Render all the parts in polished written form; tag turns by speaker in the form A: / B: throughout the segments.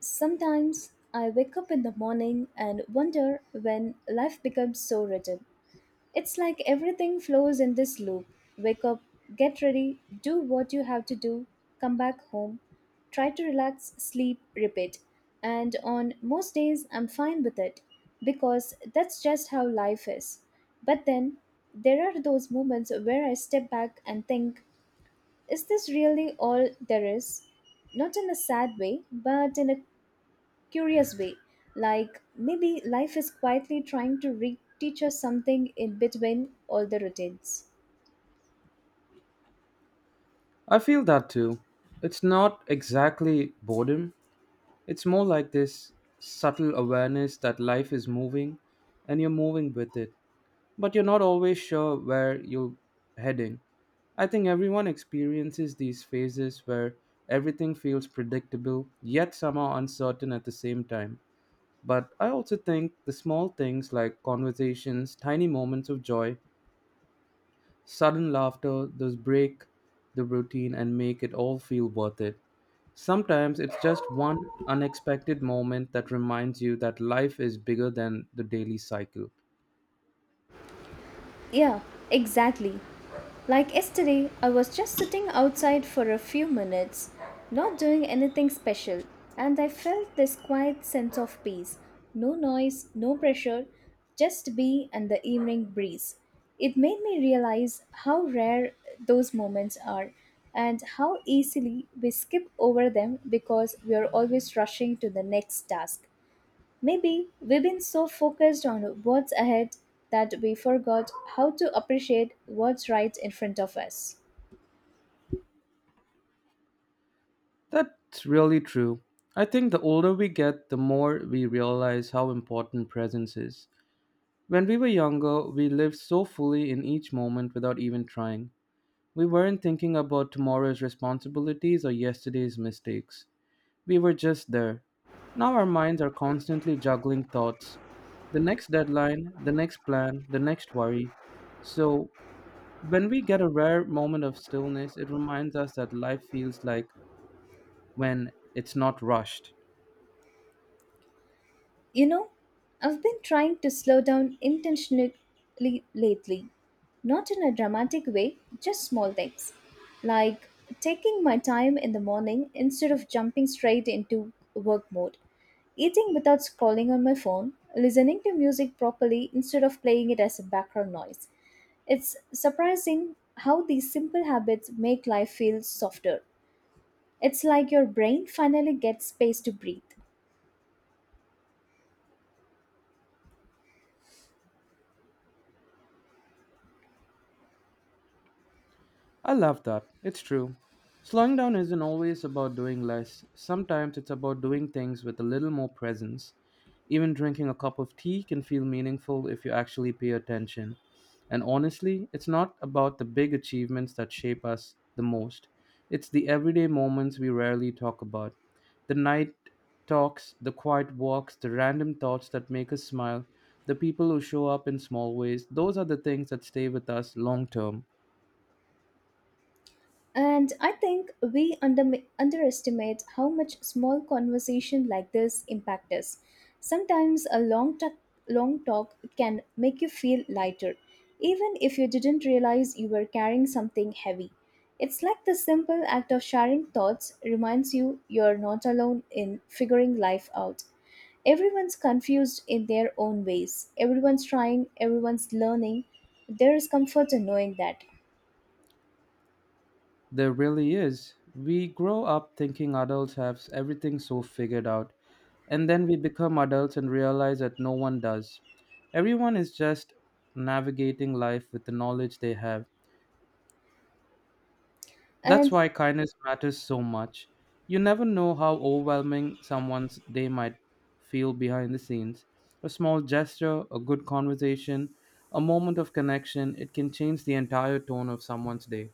A: Sometimes I wake up in the morning and wonder when life becomes so rigid. It's like everything flows in this loop, wake up, get ready, do what you have to do, come back home, try to relax, sleep, repeat. And on most days, I'm fine with it because that's just how life is. But then there are those moments where I step back and think, is this really all there is? Not in a sad way, but in a curious way. Like maybe life is quietly trying to teach us something in between all the routines.
B: I feel that too. It's not exactly boredom, it's more like this subtle awareness that life is moving and you're moving with it, but you're not always sure where you're heading. I think everyone experiences these phases where everything feels predictable yet somehow uncertain at the same time. But I also think the small things like conversations, tiny moments of joy, sudden laughter does break the routine and make it all feel worth it. Sometimes it's just one unexpected moment that reminds you that life is bigger than the daily cycle.
A: Yeah, exactly. Like yesterday, I was just sitting outside for a few minutes, not doing anything special, and I felt this quiet sense of peace. No noise, no pressure, just me and the evening breeze. It made me realize how rare those moments are and how easily we skip over them because we are always rushing to the next task. Maybe we've been so focused on what's ahead that we forgot how to appreciate what's right in front of us.
B: That's really true. I think the older we get, the more we realize how important presence is. When we were younger, we lived so fully in each moment without even trying. We weren't thinking about tomorrow's responsibilities or yesterday's mistakes. We were just there. Now our minds are constantly juggling thoughts, the next deadline, the next plan, the next worry. So, when we get a rare moment of stillness, it reminds us that life feels like when it's not rushed.
A: You know, I've been trying to slow down intentionally lately. Not in a dramatic way, just small things. Like taking my time in the morning instead of jumping straight into work mode, eating without scrolling on my phone, listening to music properly instead of playing it as a background noise. It's surprising how these simple habits make life feel softer. It's like your brain finally gets space to breathe.
B: I love that. It's true. Slowing down isn't always about doing less. Sometimes it's about doing things with a little more presence. Even drinking a cup of tea can feel meaningful if you actually pay attention. And honestly, it's not about the big achievements that shape us the most. It's the everyday moments we rarely talk about. The night talks, the quiet walks, the random thoughts that make us smile, the people who show up in small ways. Those are the things that stay with us long term.
A: And I think we underestimate how much small conversation like this impact us. Sometimes a long talk can make you feel lighter, even if you didn't realize you were carrying something heavy. It's like the simple act of sharing thoughts reminds you you're not alone in figuring life out. Everyone's confused in their own ways. Everyone's trying, everyone's learning. There is comfort in knowing that.
B: There really is. We grow up thinking adults have everything so figured out, and then we become adults and realize that no one does. Everyone is just navigating life with the knowledge they have. That's
A: And
B: why kindness matters so much. You never know how overwhelming someone's day might feel behind the scenes. A small gesture, a good conversation, a moment of connection, it can change the entire tone of someone's day.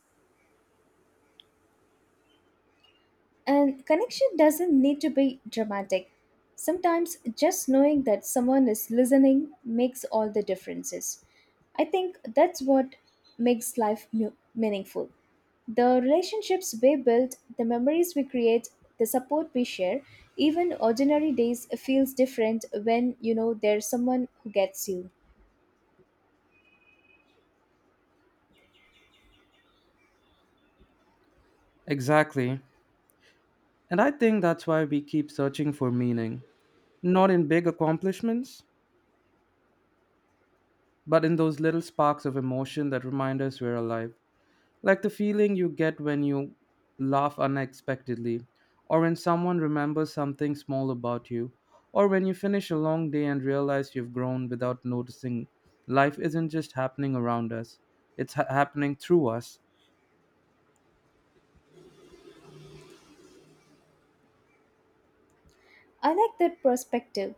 A: And connection doesn't need to be dramatic. Sometimes just knowing that someone is listening makes all the differences. I think that's what makes life meaningful. The relationships we build, the memories we create, the support we share, even ordinary days feels different when you know there's someone who gets you.
B: Exactly. And I think that's why we keep searching for meaning, not in big accomplishments, but in those little sparks of emotion that remind us we're alive. Like the feeling you get when you laugh unexpectedly, or when someone remembers something small about you, or when you finish a long day and realize you've grown without noticing life isn't just happening around us, it's happening through us.
A: I like that perspective.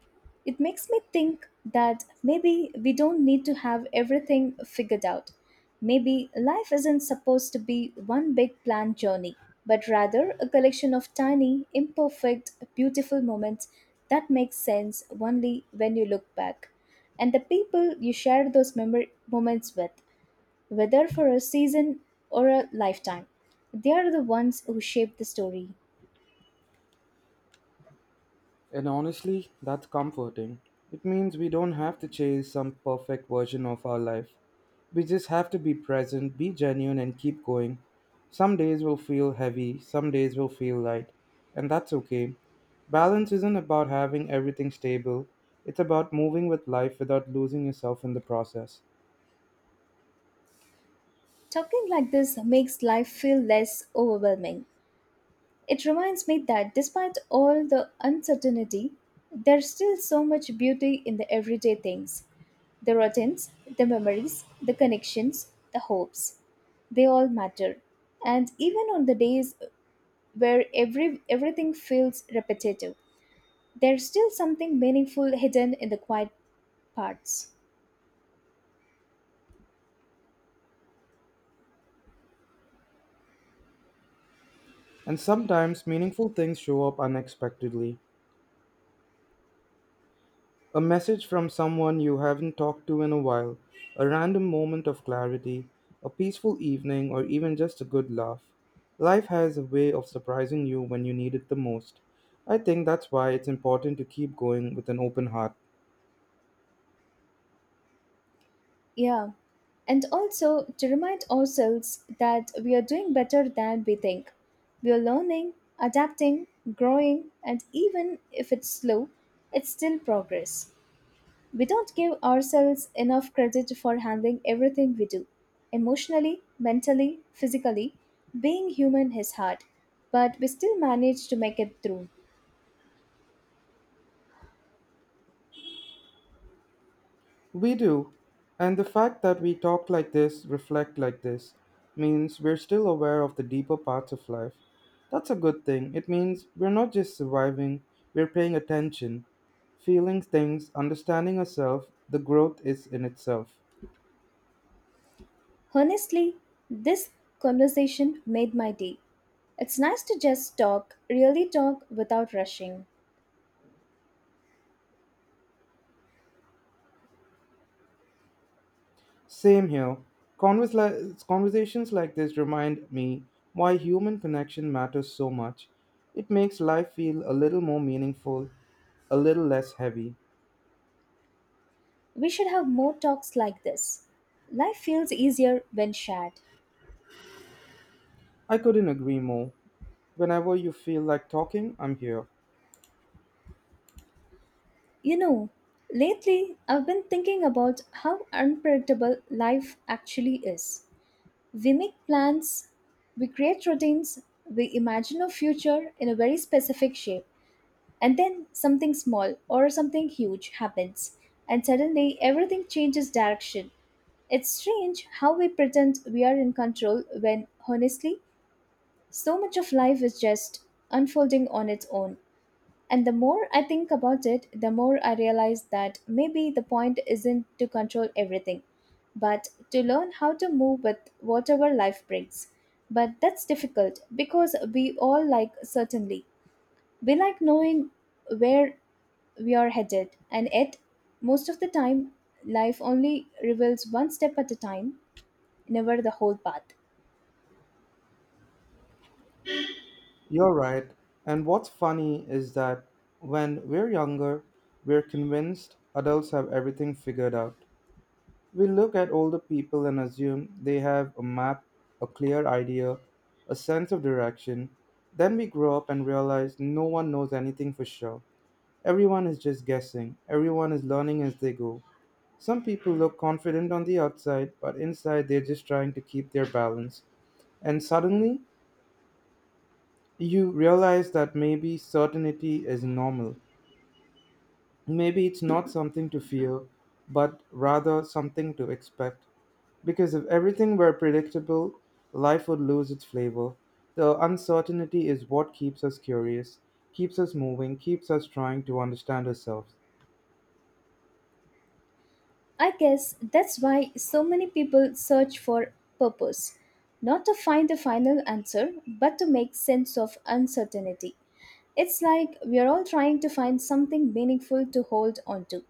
A: It makes me think that maybe we don't need to have everything figured out. Maybe life isn't supposed to be one big planned journey, but rather a collection of tiny, imperfect, beautiful moments that make sense only when you look back. And the people you share those moments with, whether for a season or a lifetime, they are the ones who shape the story.
B: And honestly, that's comforting. It means we don't have to chase some perfect version of our life. We just have to be present, be genuine, and keep going. Some days will feel heavy, some days will feel light, and that's okay. Balance isn't about having everything stable, it's about moving with life without losing yourself in the process.
A: Talking like this makes life feel less overwhelming. It reminds me that despite all the uncertainty, there's still so much beauty in the everyday things, the routines, the memories, the connections, the hopes. They all matter. And even on the days where everything feels repetitive, there's still something meaningful hidden in the quiet parts.
B: And sometimes meaningful things show up unexpectedly. A message from someone you haven't talked to in a while, a random moment of clarity, a peaceful evening, or even just a good laugh. Life has a way of surprising you when you need it the most. I think that's why it's important to keep going with an open heart.
A: Yeah. And also to remind ourselves that we are doing better than we think. We are learning, adapting, growing, and even if it's slow, it's still progress. We don't give ourselves enough credit for handling everything we do. Emotionally, mentally, physically, being human is hard, but we still manage to make it through.
B: We do. And the fact that we talk like this, reflect like this, means we're still aware of the deeper parts of life. That's a good thing. It means we're not just surviving, we're paying attention, feeling things, understanding ourselves. The growth is in itself.
A: Honestly, this conversation made my day. It's nice to just talk, really talk without rushing.
B: Same here. Conversations like this remind me why human connection matters so much. It makes life feel a little more meaningful, a little less heavy.
A: We should have more talks like this. Life feels easier when shared.
B: I couldn't agree more. Whenever you feel like talking, I'm here.
A: You know, lately I've been thinking about how unpredictable life actually is. We make plans, we create routines, we imagine a future in a very specific shape. And then something small or something huge happens, and suddenly everything changes direction. It's strange how we pretend we are in control when, honestly, so much of life is just unfolding on its own. And the more I think about it, the more I realize that maybe the point isn't to control everything, but to learn how to move with whatever life brings. But that's difficult because we all like certainly. We like knowing where we are headed. And yet, most of the time, life only reveals one step at a time, never the whole path.
B: You're right. And what's funny is that when we're younger, we're convinced adults have everything figured out. We look at older people and assume they have a map, a clear idea, a sense of direction. Then we grow up and realize no one knows anything for sure. Everyone is just guessing, everyone is learning as they go. Some people look confident on the outside, but inside they're just trying to keep their balance. And suddenly, you realize that maybe certainty is normal. Maybe it's not something to fear, but rather something to expect. Because if everything were predictable, life would lose its flavor. The uncertainty is what keeps us curious, keeps us moving, keeps us trying to understand ourselves.
A: I guess that's why so many people search for purpose, not to find the final answer, but to make sense of uncertainty. It's like we are all trying to find something meaningful to hold on to.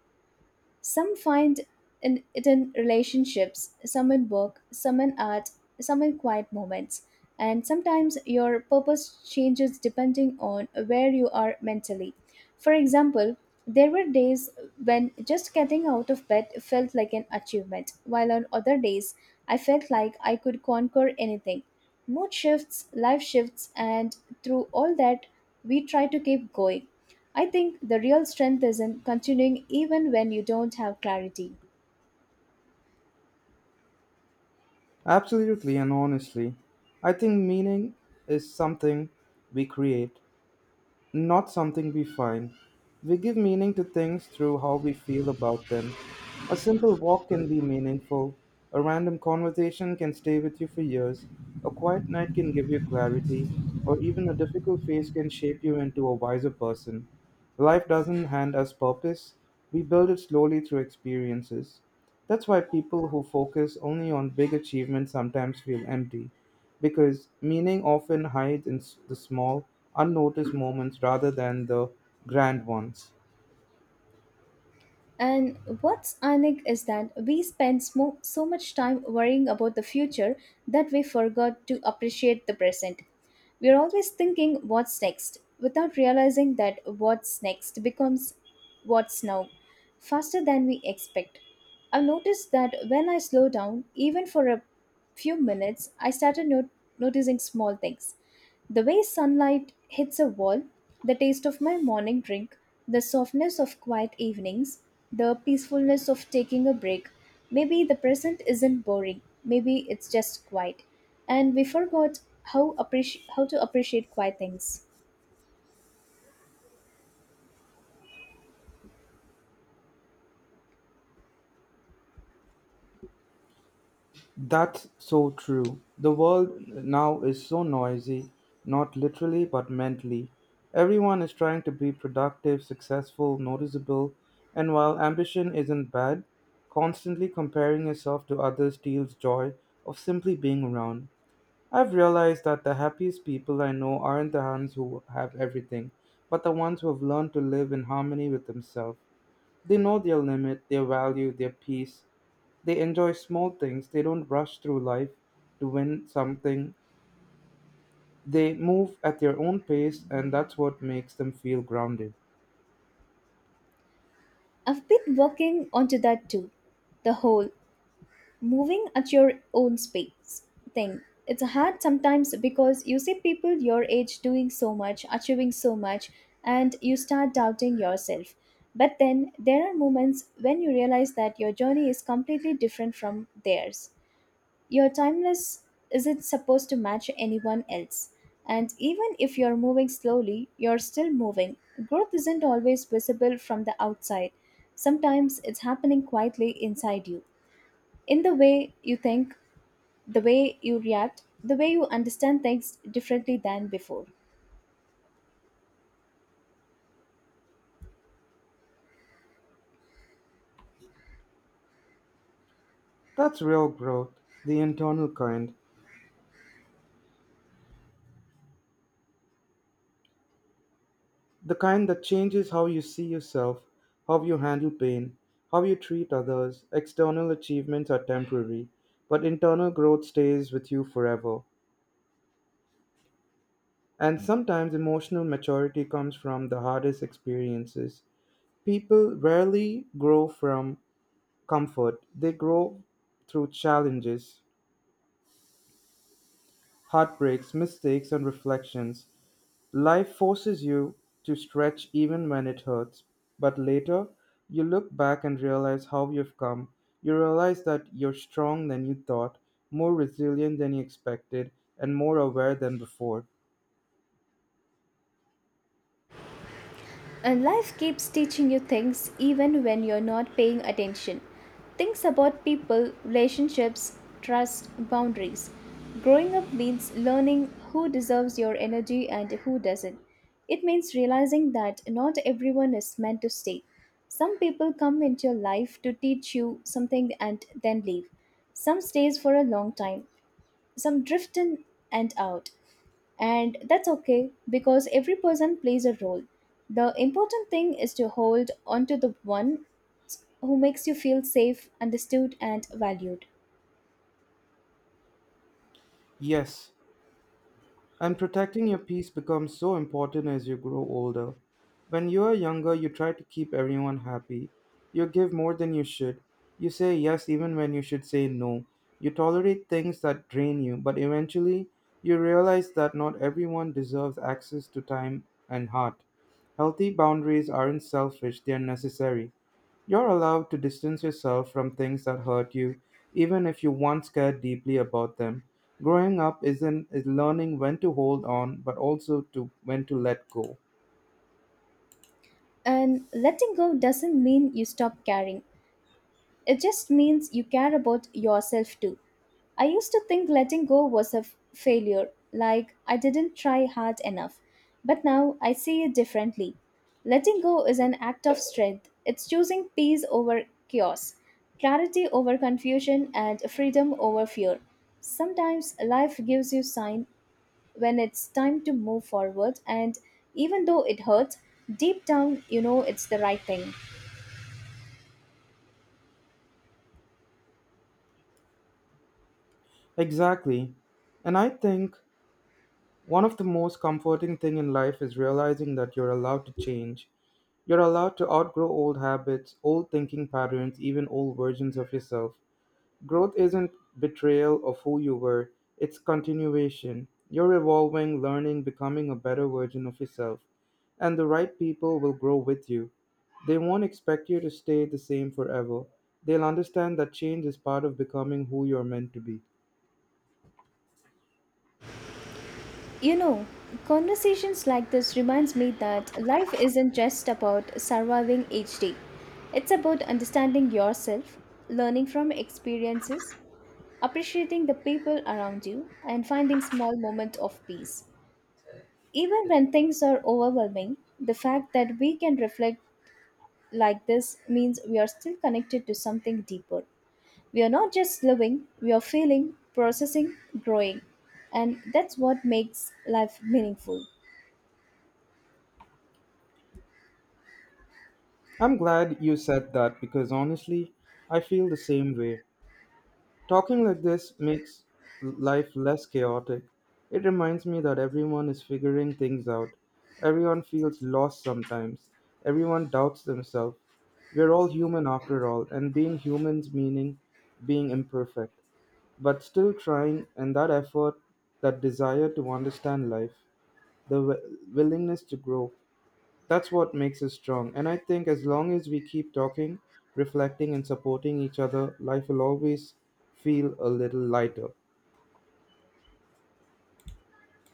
A: Some find it in relationships, some in work, some in art, some in quiet moments. And sometimes your purpose changes depending on where you are mentally. For example, there were days when just getting out of bed felt like an achievement, while on other days I felt like I could conquer anything. Mood shifts, life shifts, and through all that, we try to keep going. I think the real strength is in continuing even when you don't have clarity.
B: Absolutely, and honestly, I think meaning is something we create, not something we find. We give meaning to things through how we feel about them. A simple walk can be meaningful, a random conversation can stay with you for years, a quiet night can give you clarity, or even a difficult phase can shape you into a wiser person. Life doesn't hand us purpose, we build it slowly through experiences. That's why people who focus only on big achievements sometimes feel empty because meaning often hides in the small, unnoticed moments rather than the grand ones.
A: And what's ironic is that we spend so much time worrying about the future that we forgot to appreciate the present. We're always thinking what's next without realizing that what's next becomes what's now faster than we expect. I've noticed that when I slow down, even for a few minutes, I started noticing small things. The way sunlight hits a wall, the taste of my morning drink, the softness of quiet evenings, the peacefulness of taking a break. Maybe the present isn't boring, maybe it's just quiet. And we forgot how to appreciate quiet things.
B: That's so true. The world now is so noisy, not literally but mentally. Everyone is trying to be productive, successful, noticeable, and while ambition isn't bad, constantly comparing yourself to others steals joy of simply being around. I've realized that the happiest people I know aren't the ones who have everything, but the ones who have learned to live in harmony with themselves. They know their limit, their value, their peace. They enjoy small things. They don't rush through life to win something. They move at their own pace, and that's what makes them feel grounded.
A: I've been working onto that too. The whole moving at your own space thing, it's hard sometimes because you see people your age doing so much, achieving so much, and you start doubting yourself. But then there are moments when you realize that your journey is completely different from theirs. Your timeless isn't supposed to match anyone else, and even if you're moving slowly, you're still moving. Growth isn't always visible from the outside. Sometimes it's happening quietly inside you, in the way you think, the way you react, the way you understand things differently than before.
B: That's real growth, the internal kind. The kind that changes how you see yourself, how you handle pain, how you treat others. External achievements are temporary, but internal growth stays with you forever. And sometimes emotional maturity comes from the hardest experiences. People rarely grow from comfort, they grow through challenges, heartbreaks, mistakes, and reflections. Life forces you to stretch even when it hurts. But later, you look back and realize how you've come. You realize that you're strong than you thought, more resilient than you expected, and more aware than before.
A: And life keeps teaching you things even when you're not paying attention. Things about people, relationships, trust, boundaries. Growing up means learning who deserves your energy and who doesn't. It means realizing that not everyone is meant to stay. Some people come into your life to teach you something and then leave. Some stays for a long time, some drift in and out, and that's okay, because every person plays a role. The important thing is to hold on to the one who makes you feel safe, understood, and valued.
B: Yes, and protecting your peace becomes so important as you grow older. When you are younger, you try to keep everyone happy. You give more than you should. You say yes even when you should say no. You tolerate things that drain you, but eventually you realize that not everyone deserves access to time and heart. Healthy boundaries aren't selfish, they are necessary. You're allowed to distance yourself from things that hurt you, even if you once cared deeply about them. Growing up isn't is learning when to hold on, but also to when to let go.
A: And letting go doesn't mean you stop caring. It just means you care about yourself too. I used to think letting go was a failure, like I didn't try hard enough. But now I see it differently. Letting go is an act of strength, it's choosing peace over chaos, clarity over confusion, and freedom over fear. Sometimes life gives you sign when it's time to move forward, and even though it hurts, deep down you know it's the right thing.
B: Exactly. And I think one of the most comforting thing in life is realizing that you're allowed to change. You're allowed to outgrow old habits, old thinking patterns, even old versions of yourself. Growth isn't betrayal of who you were, it's continuation. You're evolving, learning, becoming a better version of yourself. And the right people will grow with you. They won't expect you to stay the same forever. They'll understand that change is part of becoming who you're meant to be.
A: You know, conversations like this reminds me that life isn't just about surviving each day. It's about understanding yourself, learning from experiences, appreciating the people around you, and finding small moments of peace. Even when things are overwhelming, the fact that we can reflect like this means we are still connected to something deeper. We are not just living, we are feeling, processing, growing. And that's what makes life meaningful.
B: I'm glad you said that because honestly, I feel the same way. Talking like this makes life less chaotic. It reminds me that everyone is figuring things out. Everyone feels lost sometimes. Everyone doubts themselves. We're all human after all, and being humans meaning being imperfect, but still trying, and that effort, that desire to understand life, the willingness to grow. That's what makes us strong. And I think as long as we keep talking, reflecting, and supporting each other, life will always feel a little lighter.